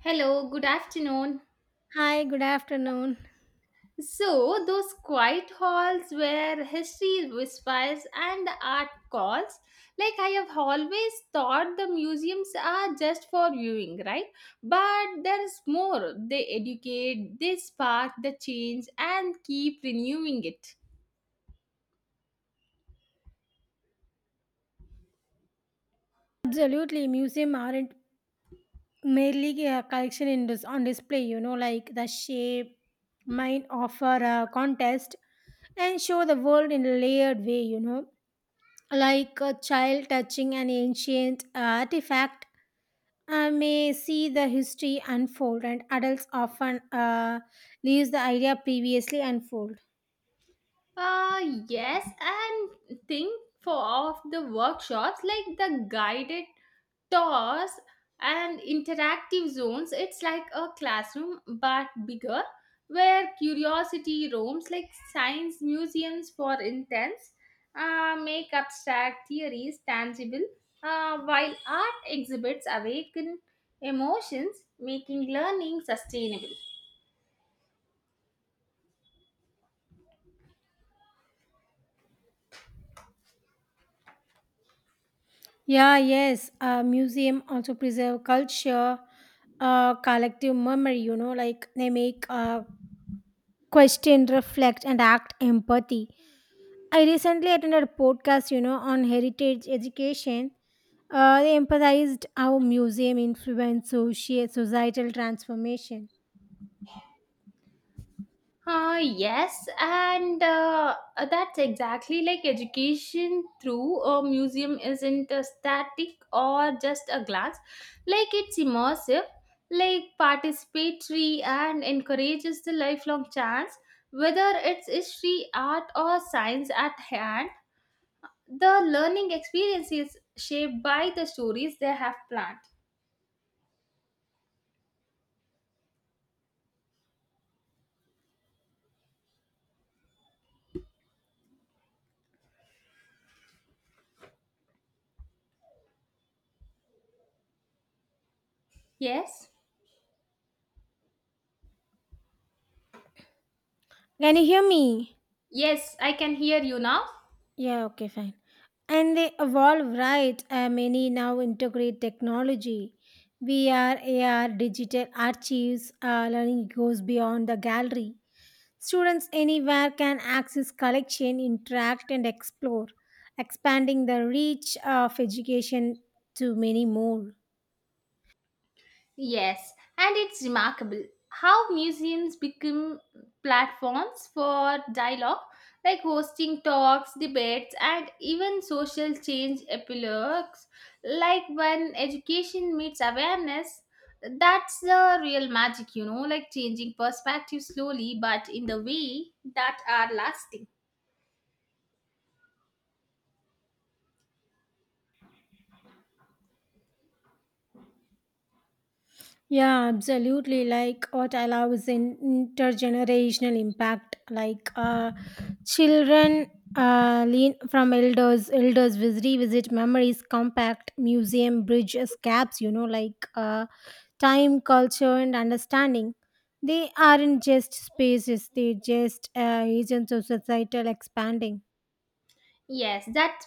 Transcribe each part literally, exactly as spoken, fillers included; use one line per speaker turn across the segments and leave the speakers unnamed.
Hello, good afternoon.
Hi, good afternoon.
So, those quiet halls where history whispers and the art calls, like I have always thought the museums are just for viewing, right? But there is more. They educate, they spark the change, and keep renewing it.
Absolutely, museum aren't merely a collection in dis- on display. You know, like the shape might offer a contest and show the world in a layered way. You know, like a child touching an ancient artifact uh, may see the history unfold, and adults often uh, leaves the idea previously unfold.
Uh, yes, and think for of the workshops like the guided tours and interactive zones. It's like a classroom but bigger, where curiosity roams like science museums for intense, uh, make abstract theories tangible, uh, while art exhibits awaken emotions, making learning sustainable.
Yeah, yes. Uh, museum also preserve culture, uh, collective memory. You know, like they make uh, question, reflect, and act empathy. I recently attended a podcast, you know, on heritage education. Uh, they emphasized how museum influence soci- societal transformation.
Uh, yes, and uh, uh, that's exactly like education through a museum isn't a static or just a glance. Like it's immersive, like participatory, and encourages the lifelong chance. Whether it's history, art, or science at hand, the learning experience is shaped by the stories they have planned. Yes,
Can you hear me?
yes, I can hear you now.
Yeah, okay, fine. And they evolve, right? Uh, many now integrate technology. V R, A R, digital archives, uh, learning goes beyond the gallery. Students anywhere can access collection, interact, and explore, expanding the reach of education to many more.
Yes, and it's remarkable how museums become platforms for dialogue, like hosting talks, debates, and even social change epilogues. Like when education meets awareness, that's the real magic, you know, like changing perspective slowly but in the way that are lasting.
Yeah, absolutely. Like what I love is in intergenerational impact. Like uh, children uh, lean from elders, elders vis- revisit memories, compact museum bridges gaps. You know, like uh, time, culture, and understanding. They aren't just spaces; they just uh, agents of societal expanding.
Yes, that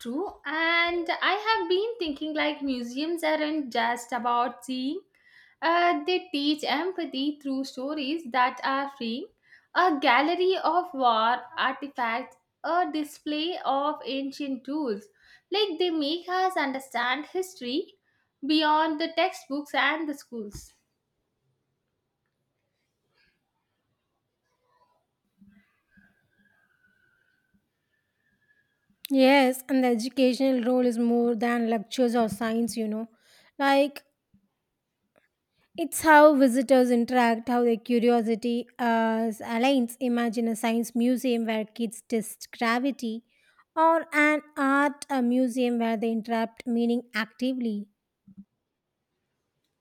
True, and I have been thinking like museums aren't just about seeing, uh, they teach empathy through stories that are free. A gallery of war artifacts, a display of ancient tools. Like they make us understand history beyond the textbooks and the schools.
Yes, and the educational role is more than lectures or science. You know, like it's how visitors interact, how their curiosity uh, aligns. Imagine a science museum where kids test gravity, or an art uh, museum where they interact meaning actively.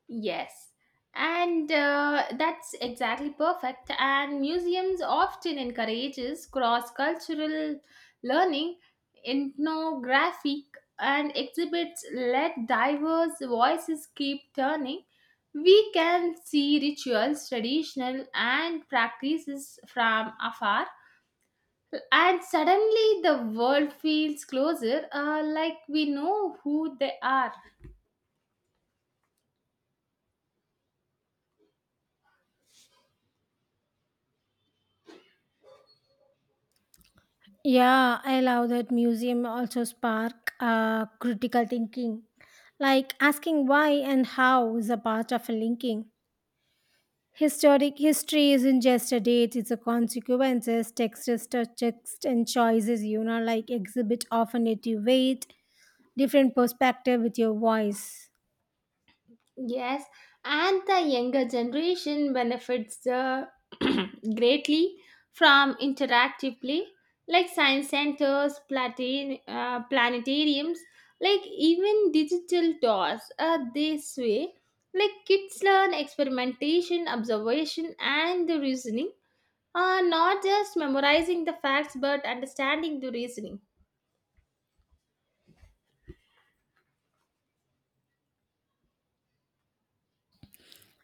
Yes, and uh, that's exactly perfect. And museums often encourages cross-cultural learning, ethnographic, and exhibits let diverse voices keep turning. We can see rituals, traditional, and practices from afar, and suddenly the world feels closer, uh, like we know who they are.
Yeah, I love that museum also spark uh, critical thinking, like asking why and how is a part of a linking. Historic history isn't just a date; it's a consequences, textures, text, text and choices. You know, like exhibit often native weight different perspective with your voice.
Yes, and the younger generation benefits the greatly from interactive play like science centers, platin, uh, planetariums, like even digital toys. Uh, this way, like kids learn experimentation, observation, and the reasoning. Uh, not just memorizing the facts but understanding the reasoning.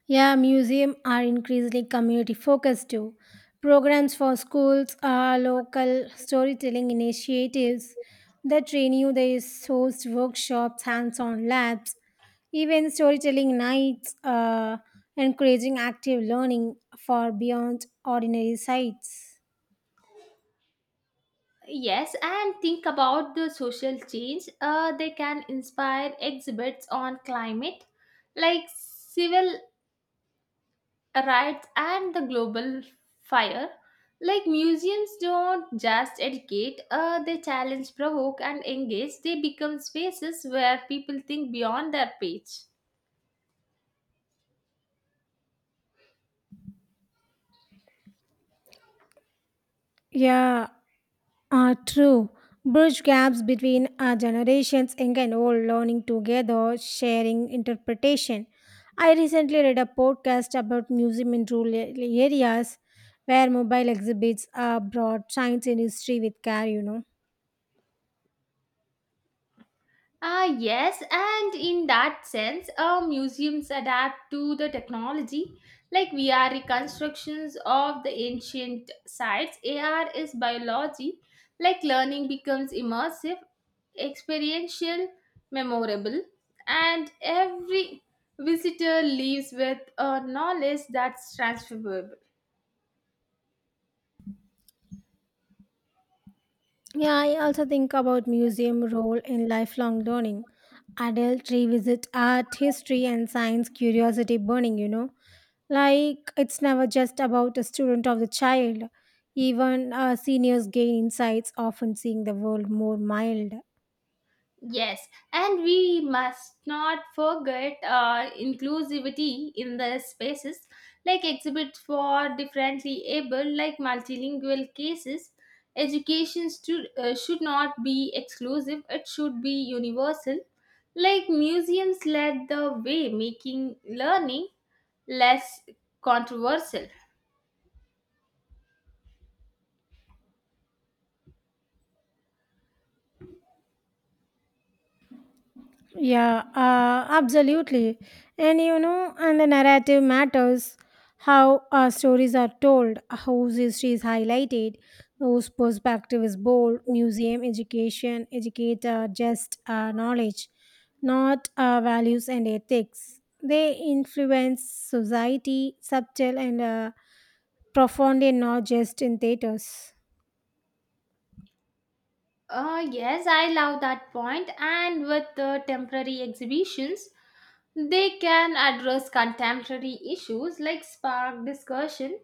Yeah, museums are increasingly community focused too. Programs for schools are local storytelling initiatives that train you. They host workshops, hands-on labs, even storytelling nights, uh, encouraging active learning for beyond ordinary sites.
Yes, and think about the social change. Uh, they can inspire exhibits on climate, like civil rights and the global fire. Like museums don't just educate, uh, they challenge, provoke, and engage. They become spaces where people think beyond their page.
Yeah, are true. Bridge gaps between our generations, young and old, learning together, sharing interpretation. I recently read a podcast about museum in rural a- areas where mobile exhibits are brought science and history with care, you know.
Ah, yes, and in that sense, uh, museums adapt to the technology. Like V R reconstructions of the ancient sites, A R is biology. Like learning becomes immersive, experiential, memorable, and every visitor leaves with a knowledge that's transferable.
Yeah, I also think about museum role in lifelong learning. Adult revisit art, history, and science curiosity burning, you know. Like, it's never just about a student of the child. Even uh, seniors gain insights, often seeing the world more mild.
Yes, and we must not forget uh, inclusivity in the spaces like exhibits for differently able, like multilingual cases. Education stu- uh, should not be exclusive, it should be universal. Like museums led the way, making learning less controversial.
Yeah, uh, absolutely. And you know, and the narrative matters how our stories are told, whose history is highlighted, whose perspective is bold, museum, education, educator, just uh, knowledge, not uh, values and ethics. They influence society subtle and uh, profound and not just in theaters.
Uh, yes, I love that point. And with the temporary exhibitions, they can address contemporary issues like spark discussion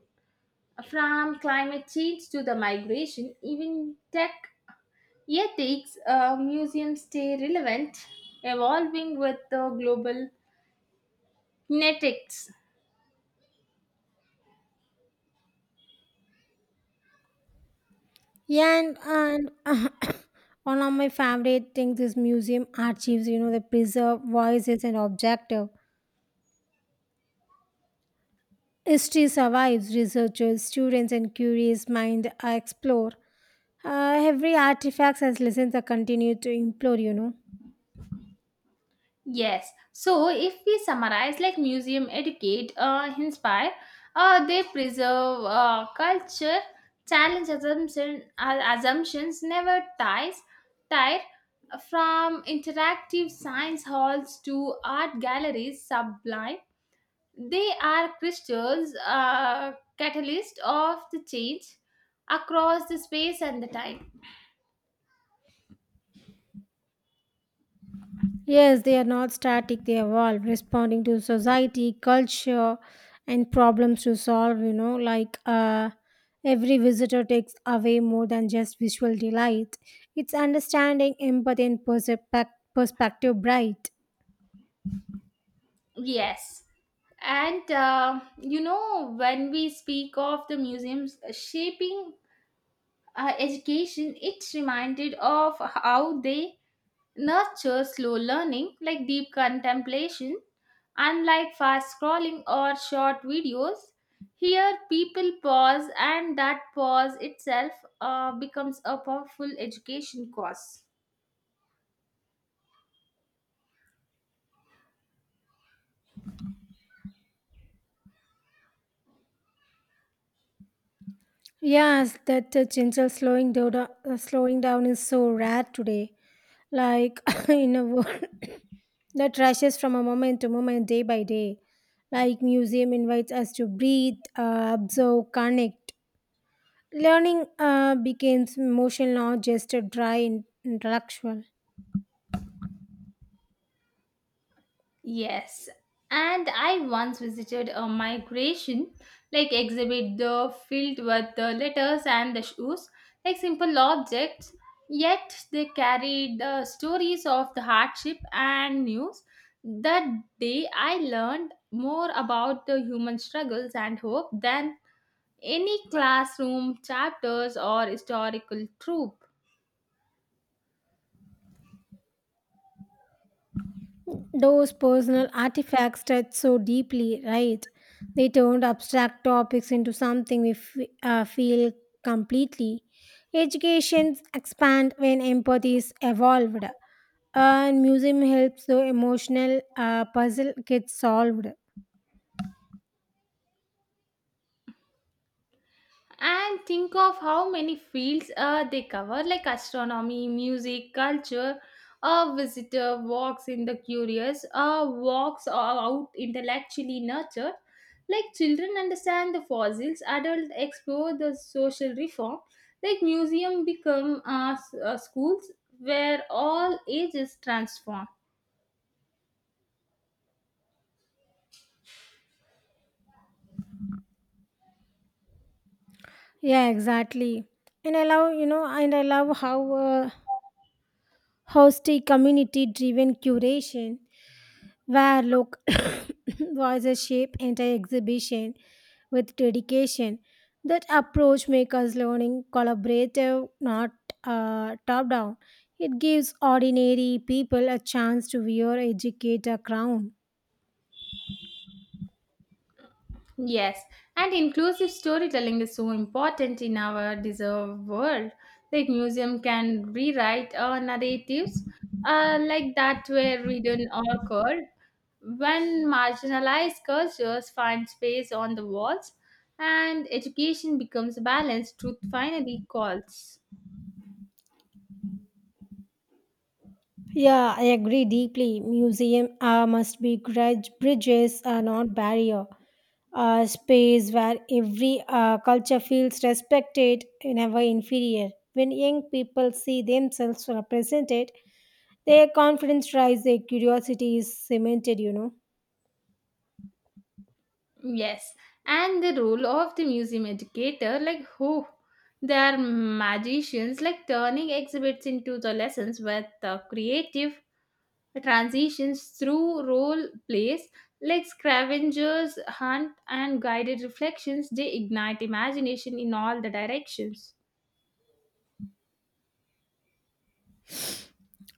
from climate change to the migration, even tech ethics. Uh, museums stay relevant, evolving with the global kinetics.
Yeah, and, and one of my favorite things is museum archives, you know, they preserve voices and objective. History survives, researchers, students, and curious mind uh, explore. Uh, every artifact has lessons that continue to implore, you know.
Yes. So if we summarize, like museum educate, uh, inspire, uh, they preserve uh, culture, challenge assumption, uh, assumptions, never ties, tire uh, from interactive science halls to art galleries sublime. They are crystals, uh, catalyst of the change across the space and the time.
Yes, they are not static, they evolve, responding to society, culture, and problems to solve, you know, like uh, every visitor takes away more than just visual delight. It's understanding, empathy, and perspec- perspective bright.
Yes. And uh, you know, when we speak of the museums uh, shaping uh, education, it's reminded of how they nurture slow learning, like deep contemplation, unlike fast scrolling or short videos. Here, people pause, and that pause itself uh, becomes a powerful education cause.
Yes, that uh, gentle slowing down, uh, slowing down is so rare today. Like in a world that rushes from a moment to moment, day by day. Like museum invites us to breathe, uh, observe, connect. Learning uh, becomes emotional, not just a dry in- intellectual.
Yes, and I once visited a migration like exhibit the filled with the letters and the shoes, like simple objects, yet they carried the stories of the hardship and news. That day I learned more about the human struggles and hope than any classroom chapters or historical trope.
Those personal artifacts touch so deeply, right? They turned abstract topics into something we f- uh, feel completely. Educations expand when empathy is evolved, and museum helps the emotional uh, puzzle get solved.
And think of how many fields uh, they cover like astronomy music culture a visitor walks in the curious uh, walks out intellectually nurtured like children understand the fossils adults explore the social reform like museum become uh, s- uh, schools where all ages transform.
Yeah, exactly. And I love, you know, and I love how uh, host a community-driven curation where local voices shape entire exhibition with dedication. That approach makes learning collaborative, not uh, top down. It gives ordinary people a chance to wear educator crown.
Yes, and inclusive storytelling is so important in our deserved world. Like museum can rewrite our narratives uh, like that were written or curled. When marginalized cultures find space on the walls and education becomes balanced, truth finally calls.
Yeah, I agree deeply. Museum uh, must be grudge bridges, are not barrier. A space where every uh, culture feels respected, never inferior. When young people see themselves represented, their confidence rise, their curiosity is cemented, you know.
Yes, and the role of the museum educator, like who? They are magicians, like turning exhibits into the lessons with uh, creative transitions through role plays like scavengers hunt and guided reflections they ignite imagination in all the directions.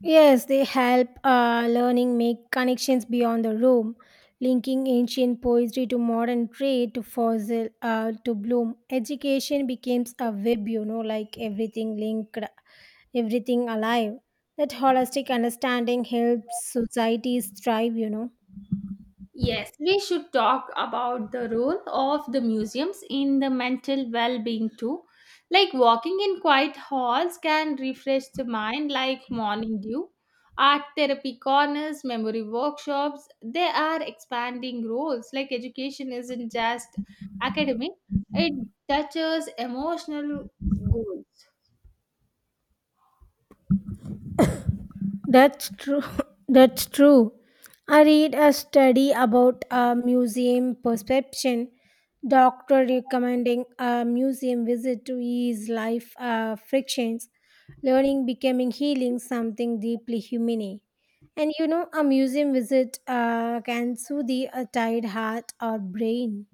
Yes, they help uh, learning make connections beyond the room, linking ancient poetry to modern trade to fossil uh, to bloom. Education becomes a web, you know, like everything linked, everything alive. That holistic understanding helps societies thrive, you know.
Yes, we should talk about the role of the museums in the mental well being too. Like walking in quiet halls can refresh the mind, like morning dew. Art therapy corners, memory workshops, they are expanding roles. Like education isn't just academic, it touches emotional goals.
That's true. That's true. I read a study about a museum perception. Doctor recommending a museum visit to ease life uh, frictions, learning becoming healing something deeply humane. And you know, a museum visit uh, can soothe a tired heart or brain.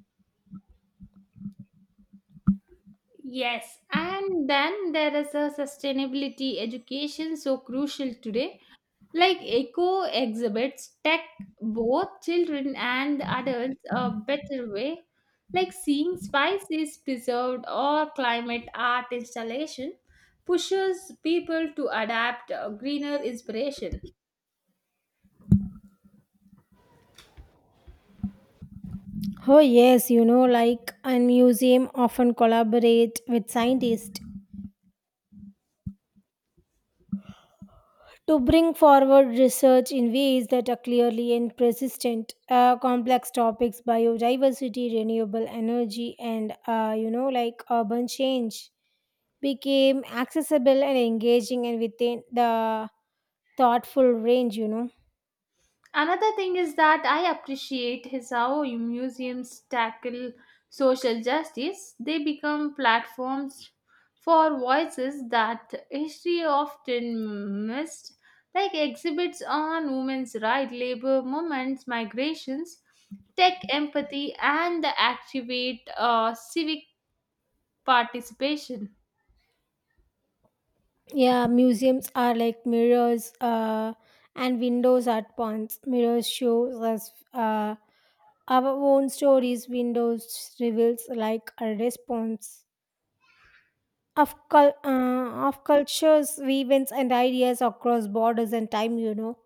Yes, and then there is a sustainability education so crucial today. Like eco exhibits tech both children and adults a better way. Like seeing spices preserved or climate art installation pushes people to adapt uh, greener inspiration.
Oh yes, you know, like a museum often collaborate with scientists to bring forward research in ways that are clearly and persistent uh, complex topics biodiversity renewable energy and uh, you know like urban change became accessible and engaging and within the thoughtful range you know
Another thing is that I appreciate is how museums tackle social justice. They become platforms for voices that history often missed, like exhibits on women's rights, labor movements, migrations, tech empathy, and activate uh, civic participation.
yeah Museums are like mirrors uh, and windows at once. Mirrors shows us uh, our own stories windows reveals like a response of cul- uh, of cultures, events, and ideas across borders and time. You know,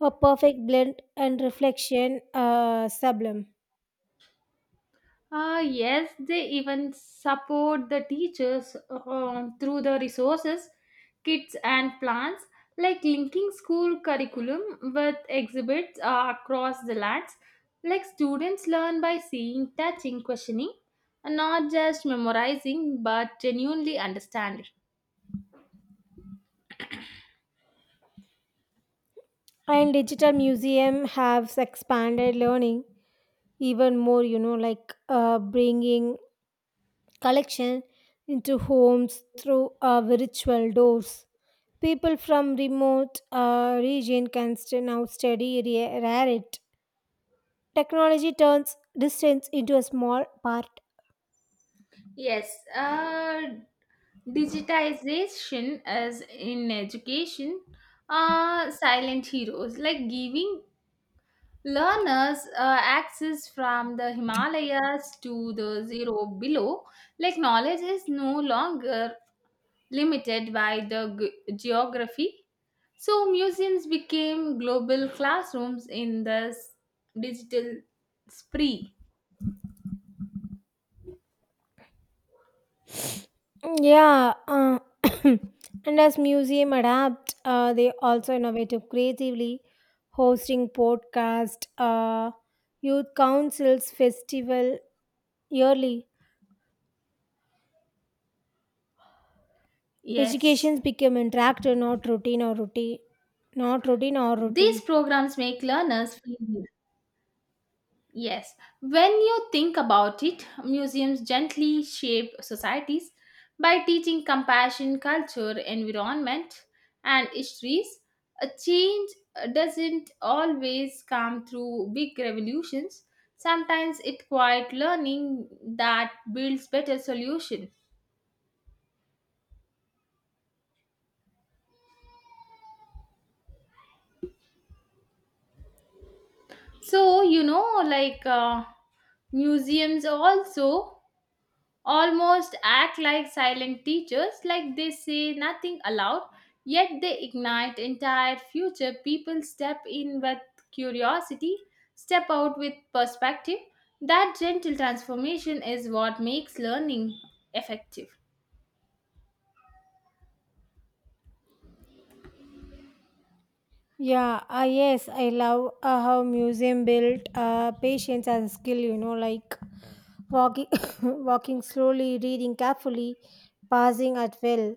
a perfect blend and reflection, uh, sublime.
Uh, yes, they even support the teachers um, through the resources, kits, and plans, like linking school curriculum with exhibits uh, across the lands. Like students learn by seeing, touching, questioning, and not just memorizing but genuinely understanding.
And digital museum has expanded learning even more. You know, like uh, bringing collection into homes through uh, virtual doors. People from remote uh, region can still now study ra- rare it. Technology turns distance into a small part.
Yes, uh, Digitization as in education uh silent heroes like giving learners uh, access from the Himalayas to the zero below, like knowledge is no longer limited by the ge- geography. So, museums became global classrooms in the s- digital spree.
Yeah, uh, and as museum adapt, uh, they also innovative creatively, hosting podcast, uh, youth councils, festival yearly.
Yes,
Educations become interactive, not routine or routine, not routine or
these
routine.
programs make learners feel. Yes, when you think about it, museums gently shape societies by teaching compassion, culture, environment, and histories. A change doesn't always come through big revolutions. Sometimes it's quiet learning that builds better solutions. So, you know, like uh, museums also almost act like silent teachers, like they say nothing aloud, yet they ignite entire future. People step in with curiosity, step out with perspective. That gentle transformation is what makes learning effective.
Yeah, uh, yes, I love uh, how museum built uh, patience as a skill. You know, like walking, walking slowly, reading carefully, passing at will.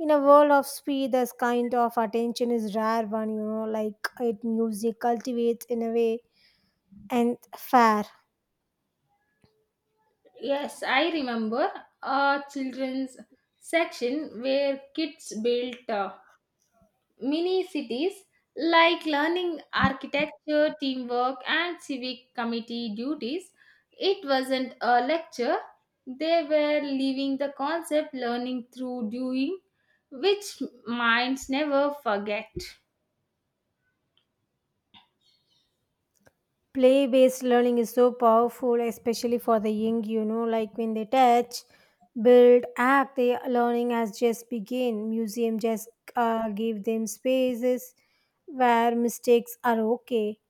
In a world of speed, this kind of attention is rare one, you know, like it music cultivates in a way and fair.
Yes, I remember a children's section where kids built uh, mini cities like learning architecture, teamwork, and civic committee duties. It wasn't a lecture, they were living the concept, learning through doing, which minds never forget.
Play based learning is so powerful, especially for the young, you know, like when they touch, build, act, their learning has just begin. Museum just uh, give them spaces where mistakes are okay,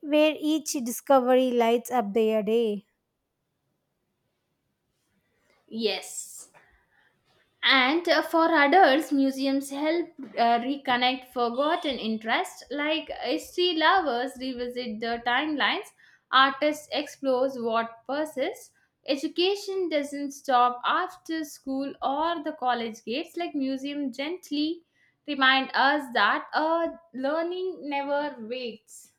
where each discovery lights up their day.
Yes. And uh, for adults, museums help uh, reconnect forgotten interests, like uh, history lovers revisit the timelines, artists explore what persists. Education doesn't stop after school or the college gates, like museum gently remind us that uh, learning never waits.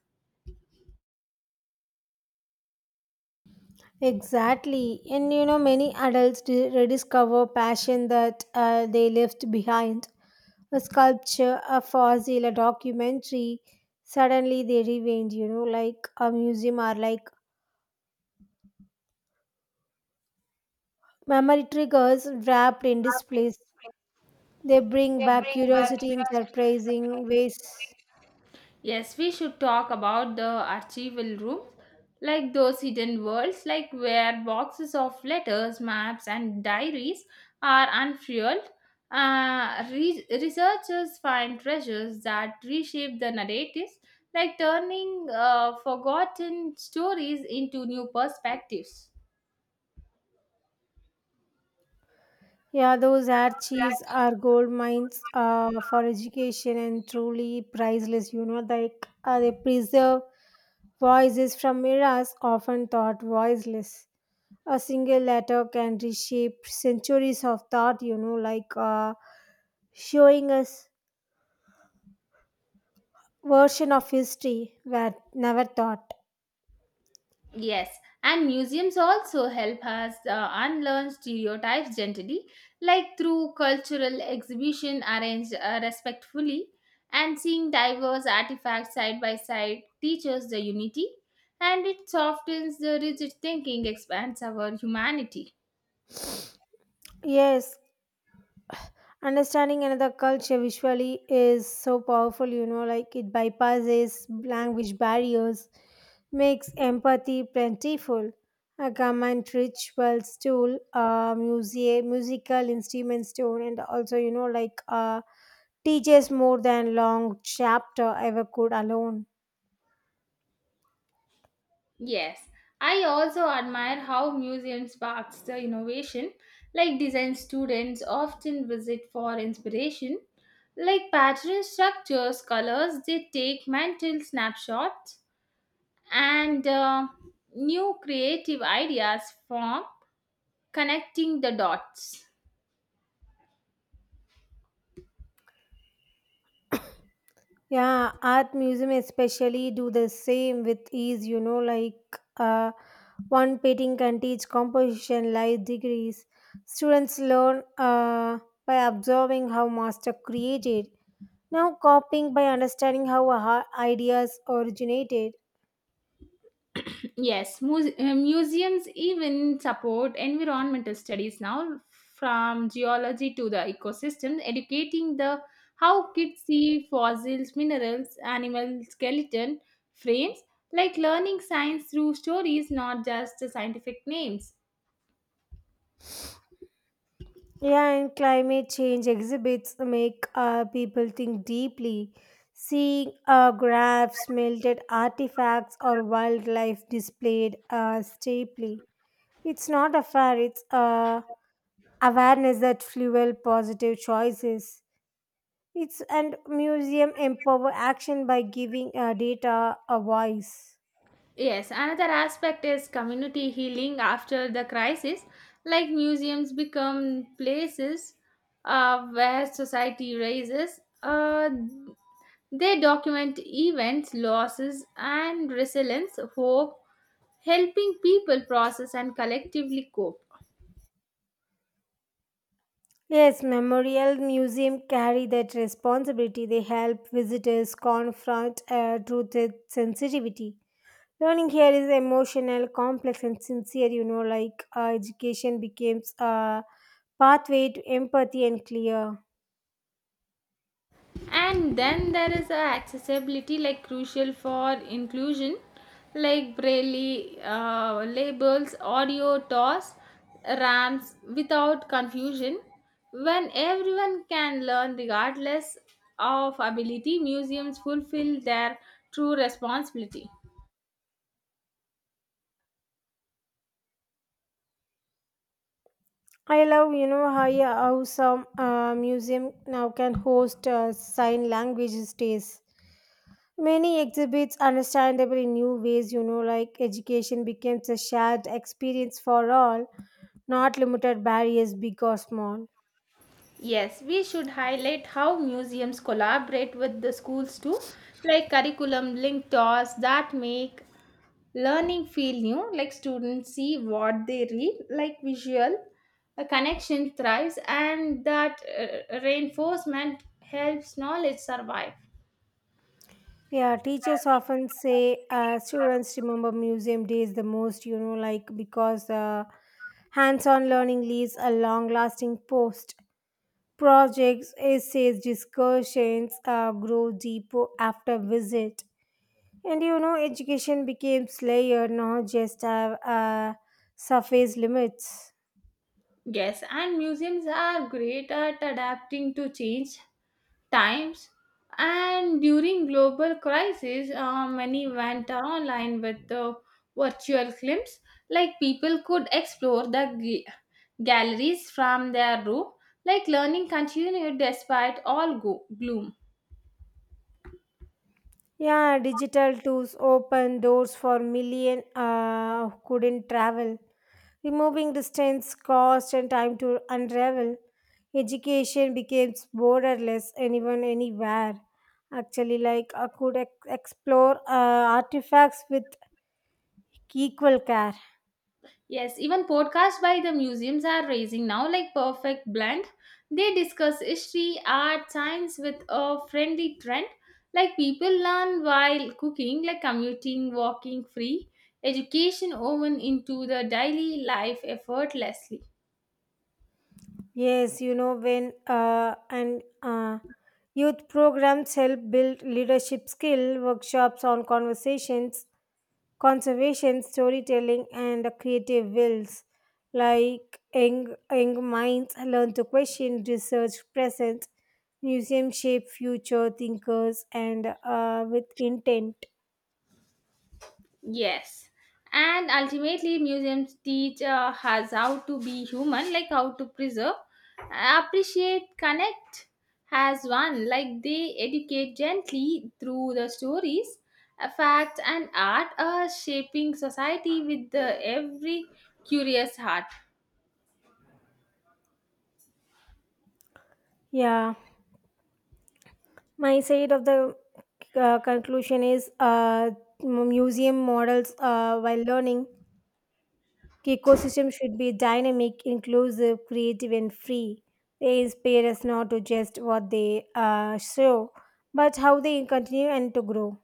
Exactly. And you know, many adults di- rediscover passion that uh, they left behind. A sculpture, a fossil, a documentary. Suddenly they rewind, you know, like a museum or like memory triggers wrapped in displays. They bring back curiosity in surprising ways.
Yes, we should talk about the archival rooms, like those hidden worlds, like where boxes of letters, maps, and diaries are unfurled. Uh, re- researchers find treasures that reshape the narratives, like turning uh, forgotten stories into new perspectives.
Yeah, those archives are gold mines uh, for education and truly priceless, you know, like uh, they preserve voices from eras often thought voiceless. A single letter can reshape centuries of thought, you know, like uh, showing us version of history that never thought.
Yes, and museums also help us uh, unlearn stereotypes gently, like through cultural exhibition arranged uh, respectfully, and seeing diverse artifacts side by side teaches the unity, and it softens the rigid thinking, expands our humanity.
Yes, understanding another culture visually is so powerful, you know, like it bypasses language barriers, makes empathy plentiful. A garment, rituals, tool, uh, music, musical instruments, tool, and also, you know, like uh, teaches more than long chapter ever could alone.
Yes, I also admire how museum sparks the innovation, like design students often visit for inspiration, like pattern structures, colors, they take mental snapshots, and uh, new creative ideas form connecting the dots.
Yeah, art museum especially do the same with ease, you know, like uh, one painting can teach composition life degrees. Students learn uh, by observing how master created, now copying by understanding how a- ideas originated.
Yes, muse- uh, museums even support environmental studies now, from geology to the ecosystem, educating the how kids see fossils, minerals, animal skeleton frames, like learning science through stories, not just the scientific names.
Yeah, and climate change exhibits make uh, people think deeply. Seeing uh, graphs, melted artifacts, or wildlife displayed uh, steeply. It's not a fair, it's uh, awareness that fuel positive choices. It's and museum empower action by giving uh, data a voice.
Yes, another aspect is community healing after the crisis, like museums become places uh, where society raises. Uh, they document events, losses, and resilience, hope, helping people process and collectively cope.
Yes, Memorial Museum carry that responsibility. They help visitors confront uh, truth with sensitivity. Learning here is emotional, complex, and sincere. You know, like uh, education becomes a pathway to empathy and clear.
And then there is a accessibility like crucial for inclusion like braille uh, labels audio toss ramps without confusion when everyone can learn regardless of ability museums fulfill their true responsibility.
I love, you know, how, yeah, how some uh, museum now can host uh, sign language days. Many exhibits understandable in new ways, you know, like education becomes a shared experience for all, not limited barriers, big or small.
Yes, we should highlight how museums collaborate with the schools too, like curriculum linked tours that make learning feel new, like students see what they read, like visual, a connection thrives, and that uh, reinforcement helps knowledge survive.
Yeah, teachers often say uh, students remember museum days the most, you know, like because uh, hands on learning leaves a long lasting post. Projects, essays, discussions uh, grow deeper after visit. And you know, education became layered, not just have uh, surface limits.
Yes, and museums are great at adapting to change times and during global crisis uh, many went online with the virtual films like people could explore the g- galleries from their room like learning continued despite all go- gloom.
Yeah, digital tools open doors for million uh, who couldn't travel, removing distance, cost, and time to unravel. Education becomes borderless, anyone, anywhere. Actually, like I could ex- explore uh, artifacts with equal care.
Yes, even podcasts by the museums are raising now, like Perfect Blend. They discuss history, art, science with a friendly trend. Like people learn while cooking, like commuting, walking free, education woven into the daily life effortlessly.
Yes, you know, when uh, and uh, youth programs help build leadership skill, workshops on conversations, conservation, storytelling, and creative wills. Like young, young minds learn to question, research present, museum shape future thinkers, and uh, with intent.
Yes. And ultimately, museums teach uh, us how to be human, like how to preserve, appreciate, connect as one. Like they educate gently through the stories, uh, facts, and art, uh, shaping society with the every curious heart.
Yeah, my side of the uh, conclusion is uh, museum models uh, while learning the ecosystem should be dynamic, inclusive, creative, and free. They inspire us not to just what they uh, show, but how they continue and to grow.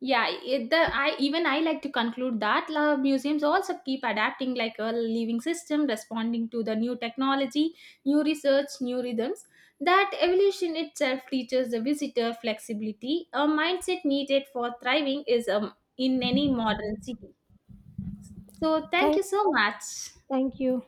Yeah it, the I even I like to conclude that la, museums also keep adapting like a living system responding to the new technology new research new rhythms that evolution itself teaches the visitor flexibility a mindset needed for thriving is um, in any modern city. So thank
Thank,
you so much.
thank you.